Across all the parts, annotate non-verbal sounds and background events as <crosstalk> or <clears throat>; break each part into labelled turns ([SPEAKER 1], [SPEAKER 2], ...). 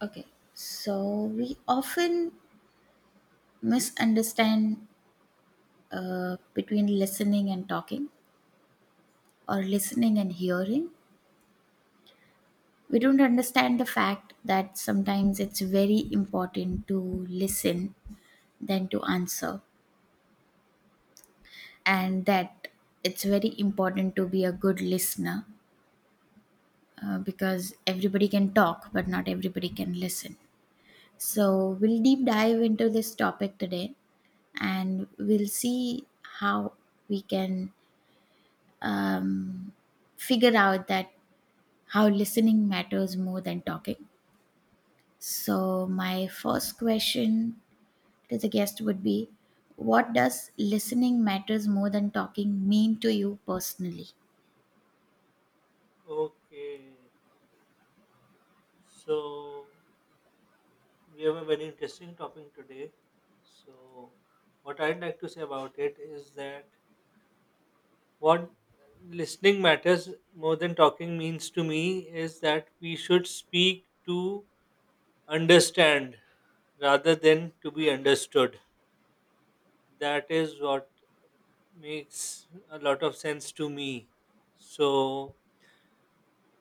[SPEAKER 1] Okay, so we often misunderstand between listening and talking or listening and hearing. We don't understand the fact that sometimes it's very important to listen than to answer, and that it's very important to be a good listener because everybody can talk, but not everybody can listen. So, we'll deep dive into this topic today and we'll see how we can um, figure out that how listening matters more than talking. So, my first question to the guest would be, what does listening matters more than talking mean to you personally?
[SPEAKER 2] Okay, so we have a very interesting topic today. So, what I'd like to say about it is that what listening matters more than talking means to me is that we should speak to understand rather than to be understood. That is what makes a lot of sense to me. So,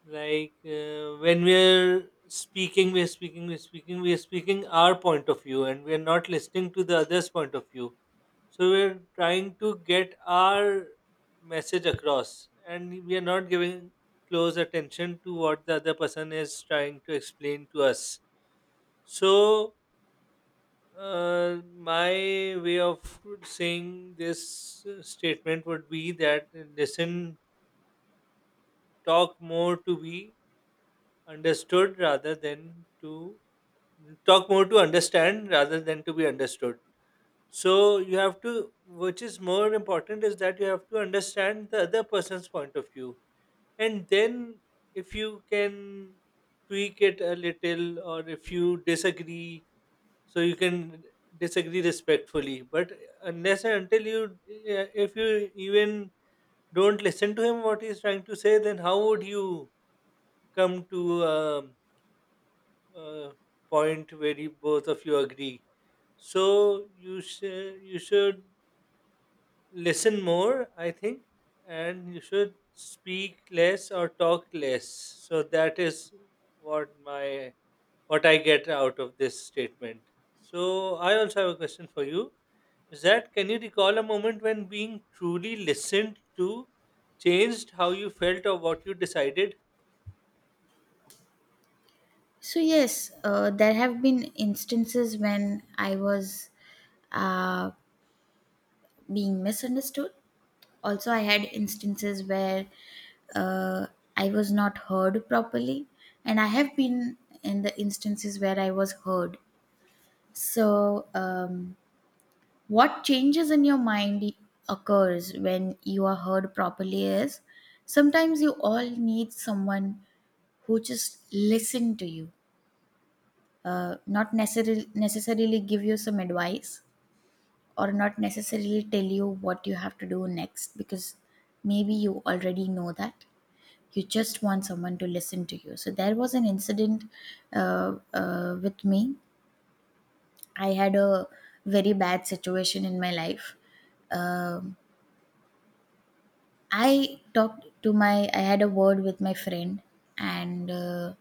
[SPEAKER 2] when we're speaking our point of view and we're not listening to the other's point of view, so we're trying to get our message across and we are not giving close attention to what the other person is trying to explain to us. So my way of saying this statement would be that listen talk more to be understood rather than to talk more to understand rather than to be understood. So you have to, which is more important is that you have to understand the other person's point of view, and then if you can tweak it a little or if you disagree, so you can disagree respectfully, but unless and until you yeah, if you even don't listen to him what he's trying to say, then how would you come to a point where you, both of you agree. So you should listen more, I think, and you should speak less or talk less. So that is what my what I get out of this statement. So I also have a question for you. Is that can you recall a moment when being truly listened to changed how you felt or what you decided?
[SPEAKER 1] So, yes, there have been instances when I was uh, being misunderstood. Also, I had instances where uh, I was not heard properly, and I have been in the instances where I was heard. So, what changes in your mind occurs when you are heard properly is sometimes you all need someone who just listen to you, not necessarily give you some advice or not necessarily tell you what you have to do next because maybe you already know that. You just want someone to listen to you. So there was an incident with me. I had a very bad situation in my life. Um, I talked to my, I had a word with my friend, and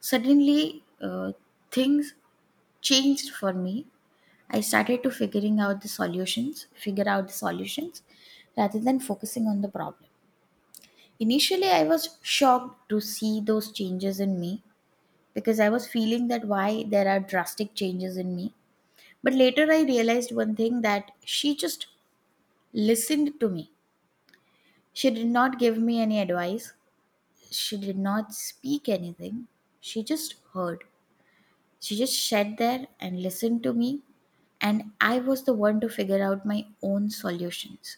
[SPEAKER 1] suddenly things changed for me. I started to figuring out the solutions, figure out the solutions, rather than focusing on the problem. Initially, I was shocked to see those changes in me because I was feeling that why there are drastic changes in me. But later, I realized one thing that she just listened to me. She did not give me any advice. She did not speak anything. She just heard. She just sat there and listened to me. And I was the one to figure out my own solutions.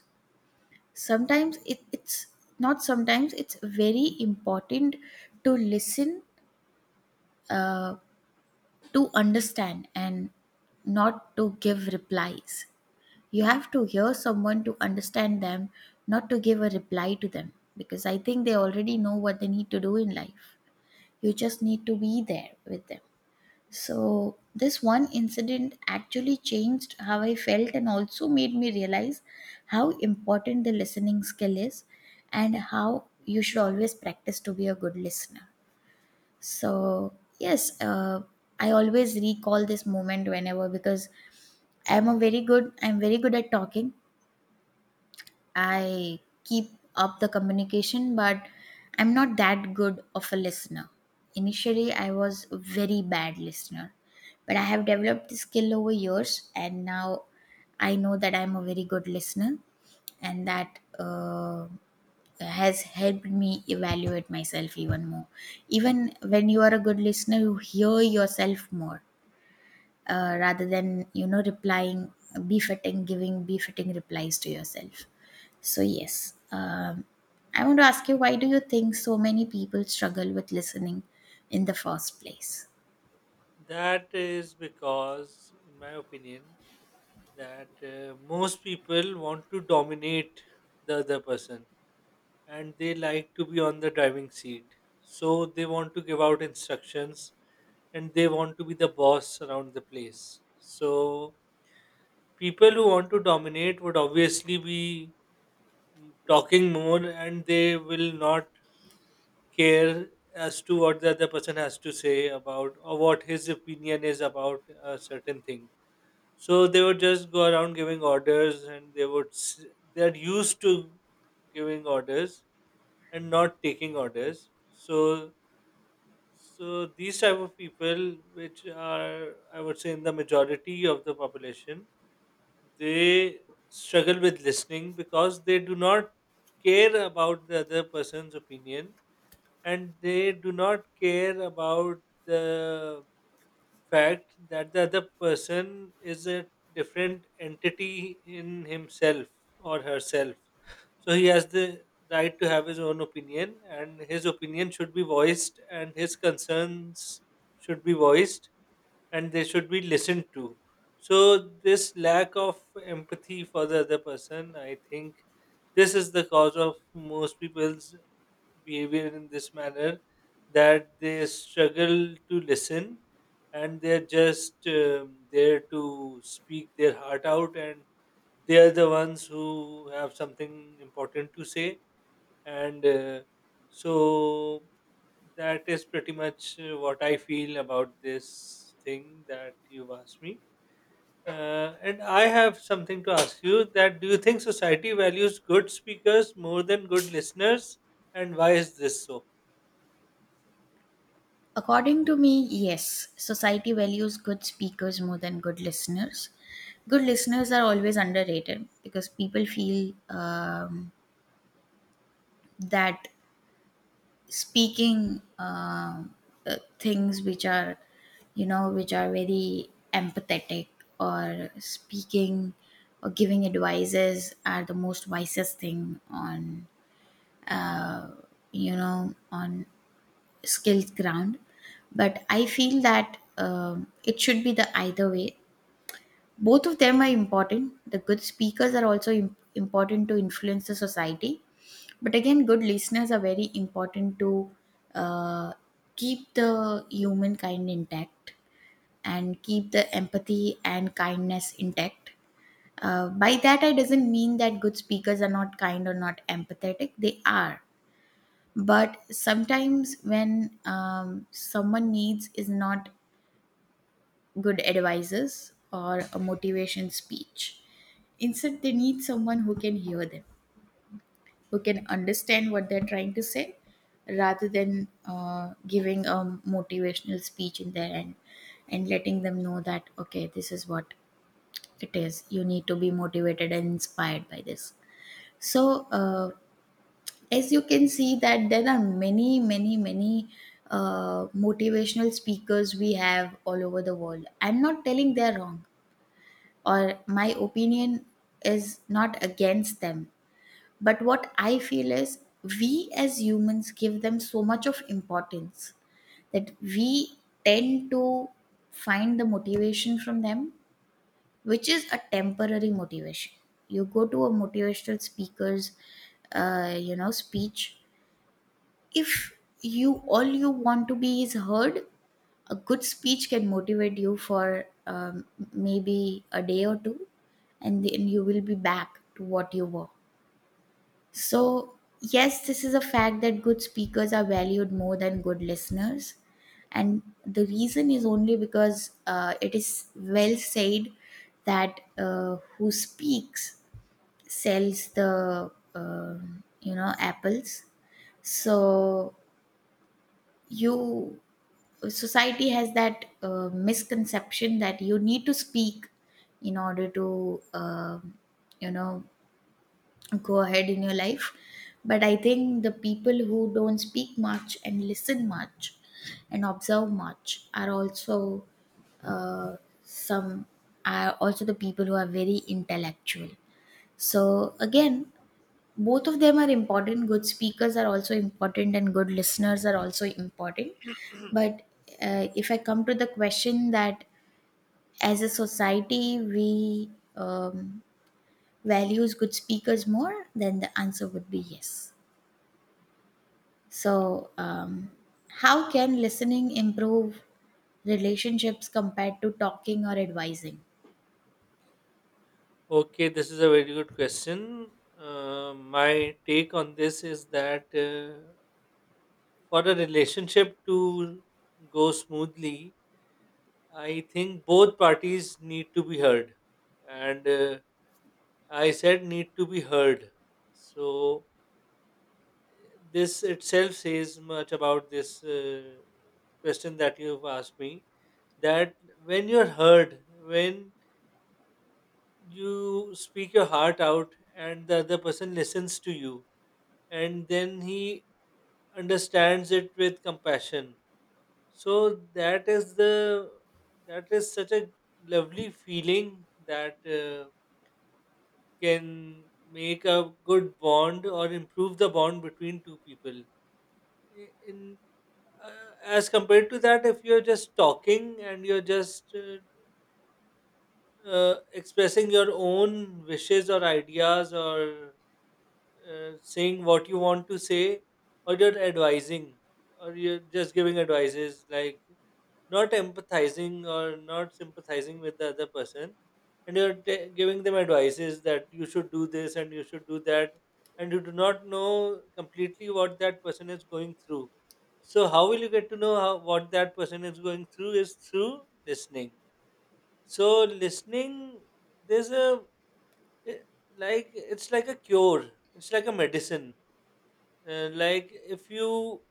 [SPEAKER 1] Sometimes it's not sometimes, it's very important to listen, uh, to understand, and not to give replies. You have to hear someone to understand them, not to give a reply to them, because I think they already know what they need to do in life. You just need to be there with them. So, this one incident actually changed how I felt and also made me realize how important the listening skill is and how you should always practice to be a good listener. So, yes, I always recall this moment whenever, because I'm very good at talking. I keep up the communication, but I'm not that good of a listener. Initially, I was a very bad listener, but I have developed the skill over years, and now I know that I'm a very good listener, and that has helped me evaluate myself even more. Even when you are a good listener, you hear yourself more rather than, you know, replying, befitting giving befitting replies to yourself. So yes, I want to ask you, why do you think so many people struggle with listening in the first place?
[SPEAKER 2] That is because, in my opinion, that most people want to dominate the other person and they like to be on the driving seat. So they want to give out instructions and they want to be the boss around the place. So people who want to dominate would obviously be talking more and they will not care as to what the other person has to say about or what his opinion is about a certain thing. So they would just go around giving orders, and they are used to giving orders and not taking orders. So so these type of people, which are I would say in the majority of the population, they struggle with listening because they do not care about the other person's opinion and they do not care about the fact that the other person is a different entity in himself or herself. So he has the right to have his own opinion, and his opinion should be voiced, and his concerns should be voiced and they should be listened to. So, this lack of empathy for the other person, I think this is the cause of most people's behavior in this manner, that they struggle to listen and they're just there to speak their heart out and they are the ones who have something important to say, and so that is pretty much what I feel about this thing that you've asked me. And I have something to ask you, that do you think society values good speakers more than good listeners? And why is this so?
[SPEAKER 1] According to me, yes, society values good speakers more than good listeners. Good listeners are always underrated because people feel that speaking, things which are, you know, which are very empathetic, or speaking or giving advices are the most wisest thing on, uh, you know, on skills ground. But I feel that, it should be the either way. Both of them are important. The good speakers are also important to influence the society, but again, good listeners are very important to uh, keep the humankind intact and keep the empathy and kindness intact. By that I doesn't mean that good speakers are not kind or not empathetic. They are. But sometimes when, someone needs is not good advices or a motivation speech. Instead, they need someone who can hear them, who can understand what they're trying to say, rather than giving a motivational speech in their end and letting them know that, okay, this is what it is. You need to be motivated and inspired by this. So, as you can see, that there are many, many, many motivational speakers we have all over the world. I'm not telling they're wrong or my opinion is not against them. But what I feel is we as humans give them so much of importance that we tend to find the motivation from them, which is a temporary motivation. You go to a motivational speaker's, you know, speech. If you, all you want to be is heard, a good speech can motivate you for, maybe a day or two, and then you will be back to what you were. So yes, this is a fact that good speakers are valued more than good listeners, and the reason is only because, it is well said that, who speaks sells the, you know, apples. So you, society has that misconception that you need to speak in order to, you know, go ahead in your life. But I think the people who don't speak much and listen much and observe much are also, uh, some are also the people who are very intellectual. So again, both of them are important. Good speakers are also important and good listeners are also important. But if I come to the question that as a society we um, values good speakers more, then the answer would be yes. So how can listening improve relationships compared to talking or advising?
[SPEAKER 2] Okay, this is a very good question. My take on this is that for a relationship to go smoothly, I think both parties need to be heard. And I said need to be heard. So this itself says much about this question that you've asked me, that when you're heard, when you speak your heart out and the other person listens to you and then he understands it with compassion. So that is the that is such a lovely feeling that can make a good bond or improve the bond between two people. In as compared to that, if you're just talking and you're just expressing your own wishes or ideas, or saying what you want to say, or you're advising, or you're just giving advices, like not empathizing or not sympathizing with the other person, and giving them advices that you should do this and you should do that, and you do not know completely what that person is going through. So how will you get to know how, what that person is going through is through listening. So listening, there's a i- like it's like a cure, it's like a medicine. Like if you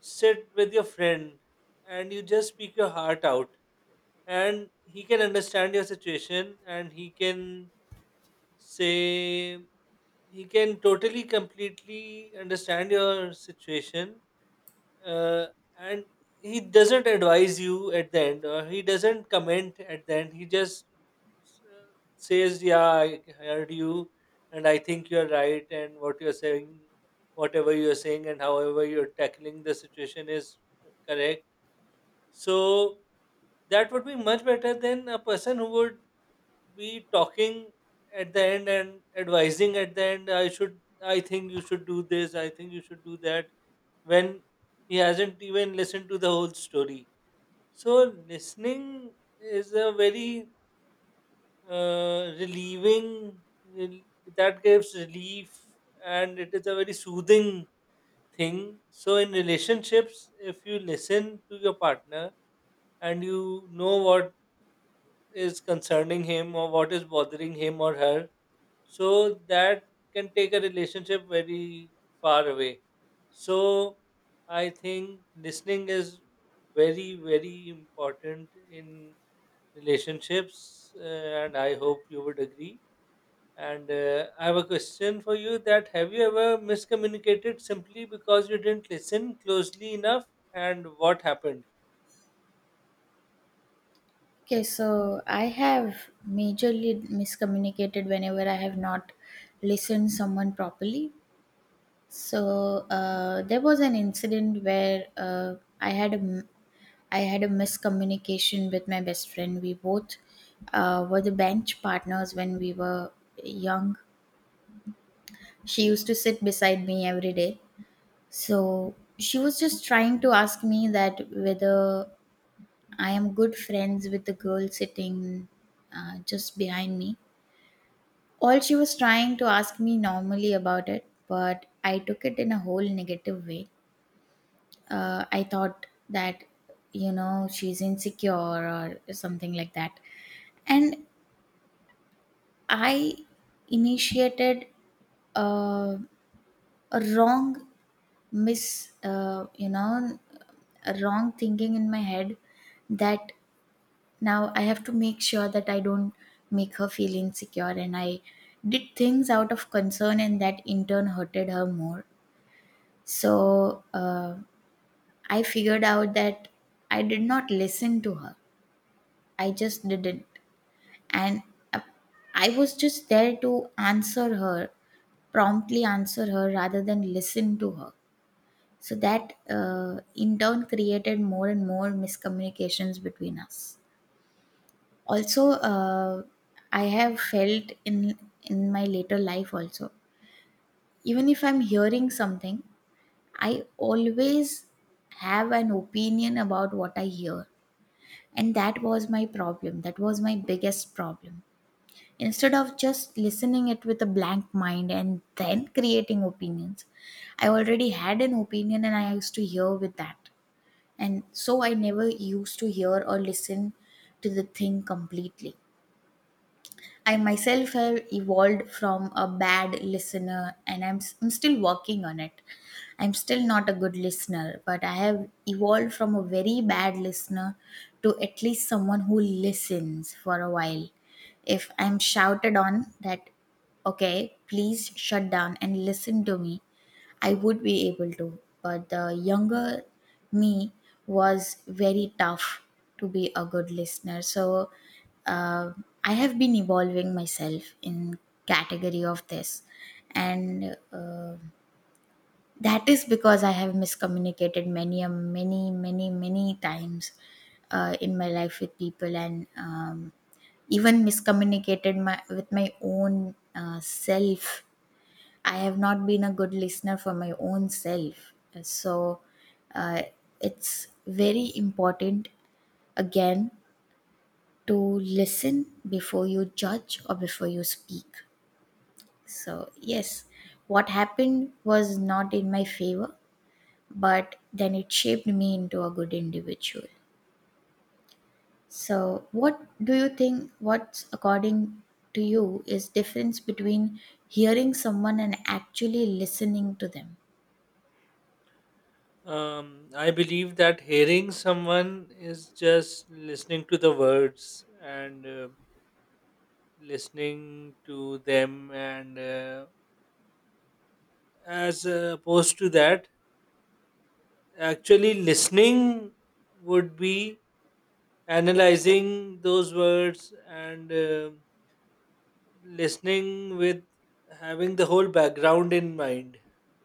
[SPEAKER 2] sit with your friend and you just speak your heart out and he can understand your situation and he can say he can totally completely understand your situation, uh, and he doesn't advise you at the end or he doesn't comment at the end, he just says yeah, I heard you, and I think you're right and what you're saying, whatever you're saying and however you're tackling the situation is correct. So that would be much better than a person who would be talking at the end and advising at the end, I should I think you should do this, I think you should do that, when he hasn't even listened to the whole story. So listening is a very relieving, rel- that gives relief, and it is a very soothing thing. So in relationships, if you listen to your partner, and you know what is concerning him or what is bothering him or her. So that can take a relationship very far away. So I think listening is very, very important in relationships, and I hope you would agree. And I have a question for you, that have you ever miscommunicated simply because you didn't listen closely enough, and what happened?
[SPEAKER 1] Okay, so I have majorly miscommunicated whenever I have not listened someone properly. So there was an incident where, i had a I had a miscommunication with my best friend. We both were the bench partners when we were young. She used to sit beside me every day. So she was just trying to ask me that whether I am good friends with the girl sitting just behind me. All she was trying to ask me normally about it, but I took it in a whole negative way. I thought that, you know, she's insecure or something like that. And I initiated uh, a wrong mis you know, a wrong thinking in my head, that now I have to make sure that I don't make her feel insecure, and I did things out of concern, and that in turn hurted her more. So I figured out that I did not listen to her. I just didn't. And uh, I was just there to answer her, promptly answer her, rather than listen to her. So that in turn created more and more miscommunications between us. Also, I have felt in my later life also. Even if I'm hearing something, I always have an opinion about what I hear, and that was my problem. That was my biggest problem. Instead of just listening it with a blank mind and then creating opinions, I already had an opinion and I used to hear with that, and so I never used to hear or listen to the thing completely. I myself have evolved from a bad listener and I'm, I'm still working on it. I'm still not a good listener, but I have evolved from a very bad listener to at least someone who listens for a while. If I'm shouted on that, okay, please shut down and listen to me, I would be able to, but the younger me was very tough to be a good listener. So uh, I have been evolving myself in category of this, and that is because I have miscommunicated many, many, many, many times in my life with people, and even miscommunicated my with my own self. I have not been a good listener for my own self. So uh, it's very important, again, to listen before you judge or before you speak. So, yes, what happened was not in my favor, but then it shaped me into a good individual. So, what do you think, what's according to you, is difference between hearing someone and actually listening to them?
[SPEAKER 2] I believe that hearing someone is just listening to the words and listening to them, and as opposed to that, actually listening would be analyzing those words and listening with having the whole background in mind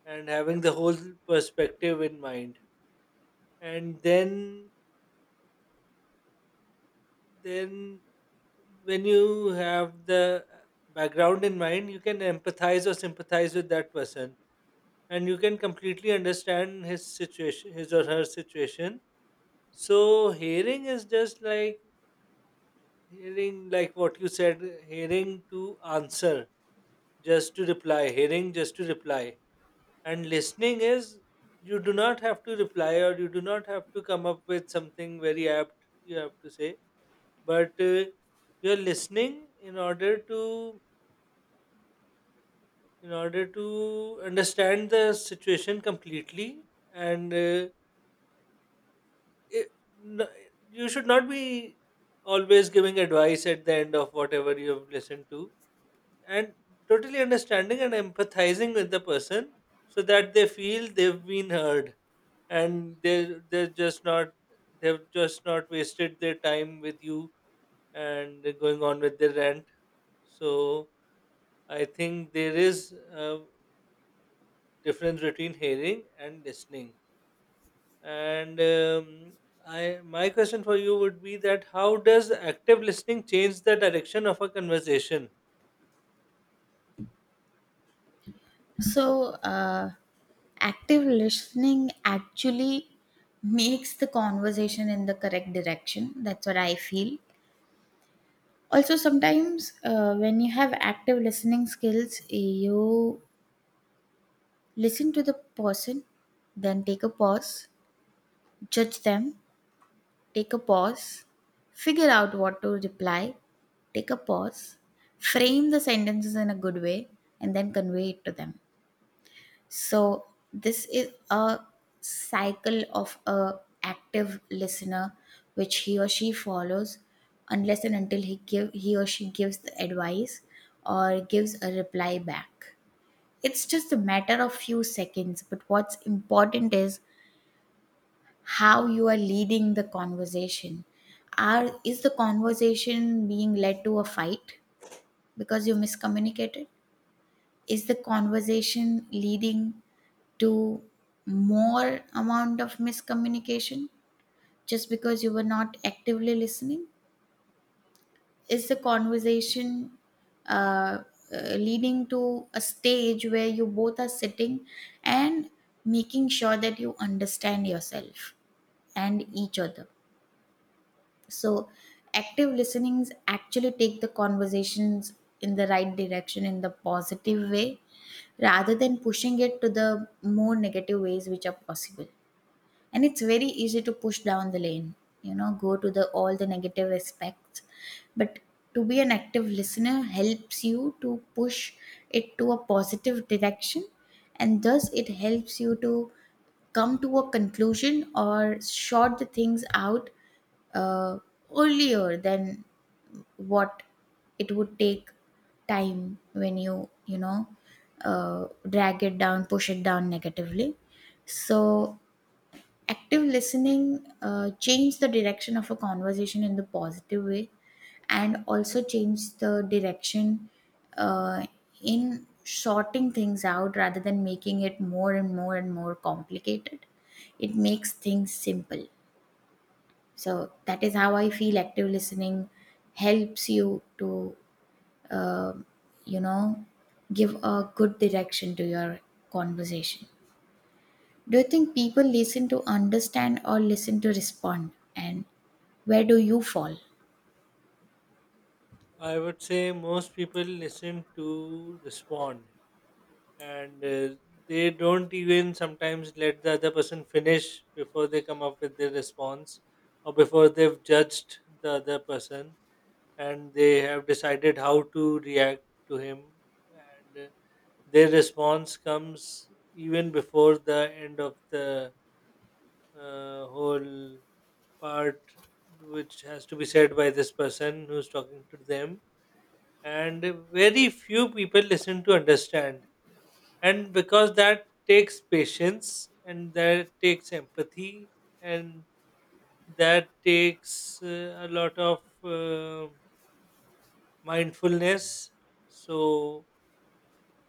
[SPEAKER 2] and having the whole perspective in mind, and then when you have the background in mind, you can empathize or sympathize with that person, and you can completely understand his situation, his or her situation. So hearing is just like hearing, like what you said, hearing to answer, just to reply, hearing just to reply, and listening is you do not have to reply or you do not have to come up with something very apt you have to say, but you're listening in order to understand the situation completely, and it, n- you should not be always giving advice at the end of whatever you have listened to, and totally understanding and empathizing with the person so that they feel they've been heard, and they've just not wasted their time with you and going on with their rant. So I think there is a difference between hearing and listening. And I, my question for you would be that how does active listening change the direction of a conversation?
[SPEAKER 1] So, active listening actually makes the conversation in the correct direction. That's what I feel. Also, sometimes when you have active listening skills, you listen to the person, then take a pause, judge them, take a pause, figure out what to reply, take a pause, frame the sentences in a good way, and then convey it to them. So this is a cycle of a active listener which he or she follows unless and until he or she gives the advice or gives a reply back. It's just a matter of few seconds, but what's important is how you are leading the conversation. Are is the conversation being led to a fight because you miscommunicated? Is the conversation leading to more amount of miscommunication just because you were not actively listening? Is the conversation uh, leading to a stage where you both are sitting and making sure that you understand yourself and each other? So, active listenings actually take the conversations in the right direction in the positive way rather than pushing it to the more negative ways which are possible. And it's very easy to push down the lane, go to the all the negative aspects. But to be an active listener helps you to push it to a positive direction, and thus it helps you to come to a conclusion or sort the things out uh, earlier than what it would take time when you know drag it down, push it down negatively. So active listening change the direction of a conversation in the positive way, and also change the direction uh, in sorting things out rather than making it more and more and more complicated. It makes things simple. So that is how I feel active listening helps you to uh, you know give a good direction to your conversation. Do you think people listen to understand or listen to respond? And where do you fall?
[SPEAKER 2] I would say most people listen to respond, and they don't even sometimes let the other person finish before they come up with their response or before they've judged the other person and they have decided how to react to him, and their response comes even before the end of the whole part which has to be said by this person who's talking to them. And very few people listen to understand, and because that takes patience and that takes empathy, and that takes a lot of mindfulness. So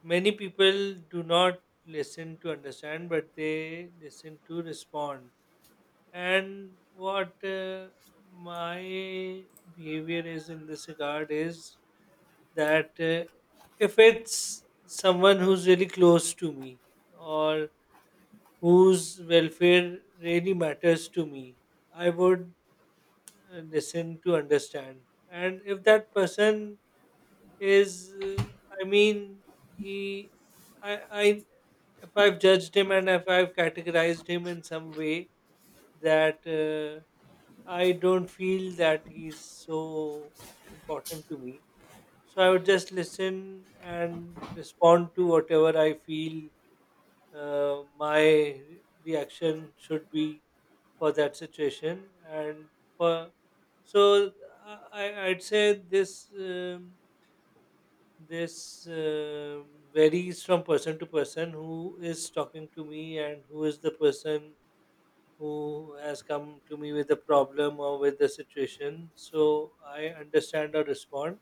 [SPEAKER 2] many people do not listen to understand, but they listen to respond. And what my behavior is in this regard is that if it's someone who's really close to me or whose welfare really matters to me, I would listen to understand. And if that person is I mean he I if I've judged him and if I've categorized him in some way, that I don't feel that he's so important to me, so I would just listen and respond to whatever I feel my reaction should be for that situation and for so i I'd say this um, this varies from person to person who is talking to me and who is the person who has come to me with a problem or with the situation, so I understand or respond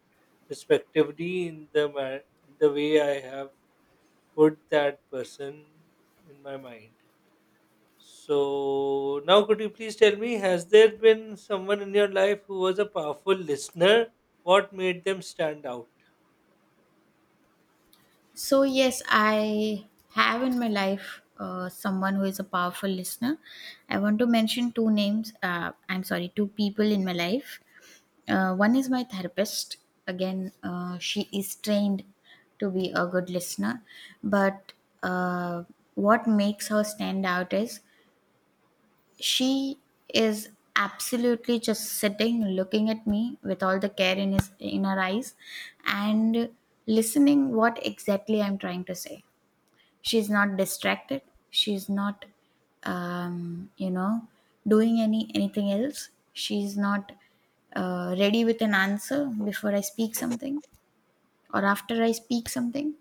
[SPEAKER 2] respectively in the in the way I have put that person in my mind. So now could you please tell me, has there been someone in your life who was a powerful listener? What made them stand out?
[SPEAKER 1] So, yes, I have in my life someone who is a powerful listener. I want to mention two names, I'm sorry, two people in my life. One is my therapist. Again, she is trained to be a good listener, but uh, what makes her stand out is she is absolutely just sitting, looking at me with all the care in his in her eyes and listening what exactly I'm trying to say. She's not distracted. She's not um, you know, doing anything else. She's not ready with an answer before I speak something or after I speak something.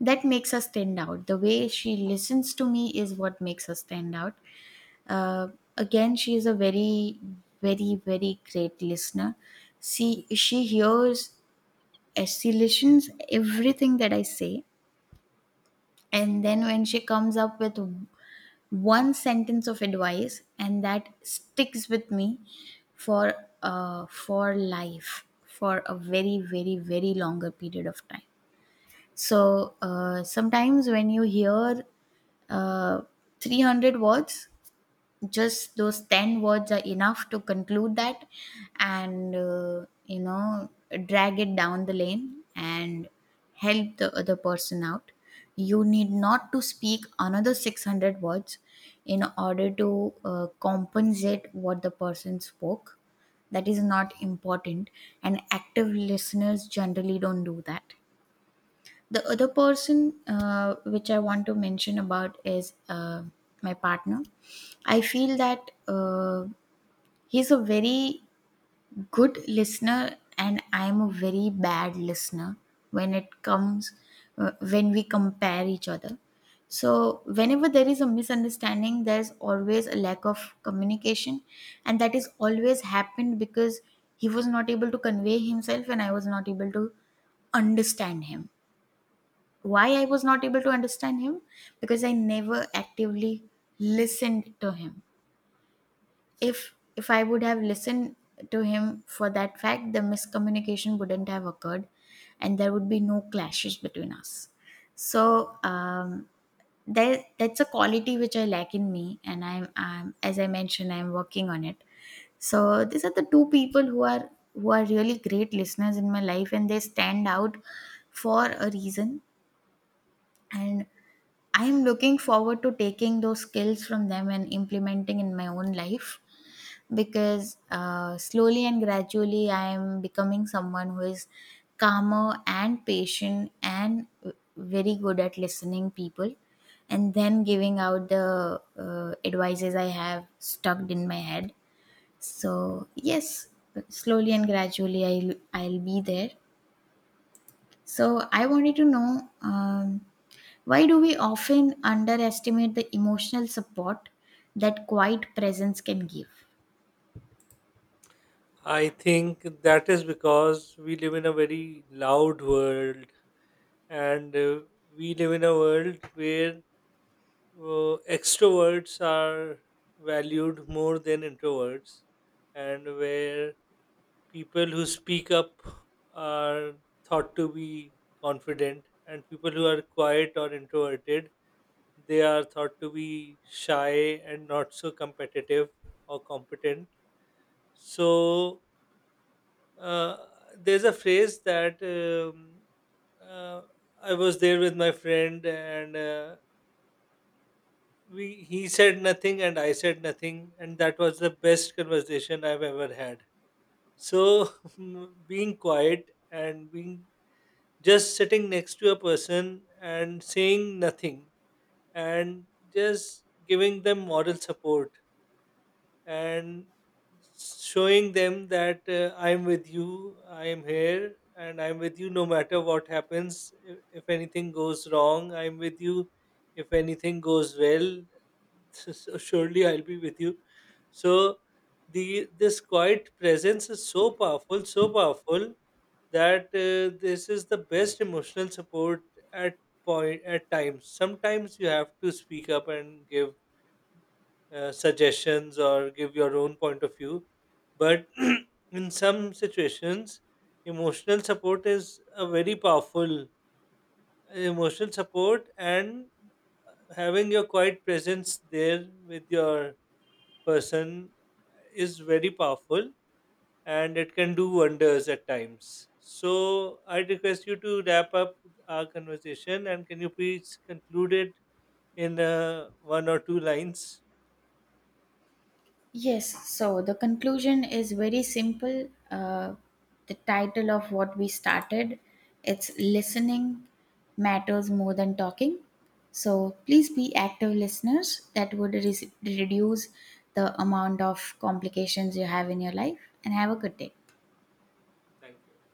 [SPEAKER 1] That makes us stand out. The way she listens to me is what makes us stand out. Uh, Again, she is a very, very, very great listener. See, she hears, she listens everything that I say, and then when she comes up with one sentence of advice, and that sticks with me for for life for a very, very, very longer period of time. So sometimes when you hear uh, 300 words, just those 10 words are enough to conclude that and, drag it down the lane and help the other person out. You need not to speak another 600 words in order to compensate what the person spoke. That is not important, and active listeners generally don't do that. The other person which I want to mention about is my partner. I feel that he's a very good listener and I'm a very bad listener when it comes when we compare each other. So whenever there is a misunderstanding, there's always a lack of communication, and that is always happened because he was not able to convey himself and I was not able to understand him. Why I was not able to understand him? Because I never actively listened to him. If I would have listened to him, for that fact the miscommunication wouldn't have occurred and there would be no clashes between us. So that's a quality which I lack in me, and I'm, as I mentioned, I'm working on it. So these are the two people who are, who are really great listeners in my life, and they stand out for a reason. And I'm looking forward to taking those skills from them and implementing in my own life, because slowly and gradually I am becoming someone who is calmer and patient and very good at listening people and then giving out the advices I have stuck in my head. So yes, slowly and gradually I'll be there. So I wanted to know, why do we often underestimate the emotional support that quiet presence can give?
[SPEAKER 2] I think that is because we live in a very loud world, and we live in a world where extroverts are valued more than introverts, and where people who speak up are thought to be confident, and people who are quiet or introverted, they are thought to be shy and not so competitive or competent. So uh, there's a phrase that uh, I was there with my friend, and we he said nothing, and I said nothing, and that was the best conversation I've ever had. So <laughs> being quiet and being just sitting next to a person and saying nothing and just giving them moral support and showing them that I'm with you, I am here, and I'm with you no matter what happens. If anything goes wrong, I'm with you. If anything goes well, <laughs> so surely I'll be with you. So the this quiet presence is so powerful that this is the best emotional support at point at times. Sometimes you have to speak up and give suggestions or give your own point of view. But <clears throat> in some situations, emotional support is a very powerful emotional support, and having your quiet presence there with your person is very powerful and it can do wonders at times. So, I request you to wrap up our conversation and can you please conclude it in one or two lines?
[SPEAKER 1] Yes, so the conclusion is very simple. The title of what we started, it's listening matters more than talking. So please be active listeners. That would reduce the amount of complications you have in your life. And have a good day.
[SPEAKER 2] Thank you.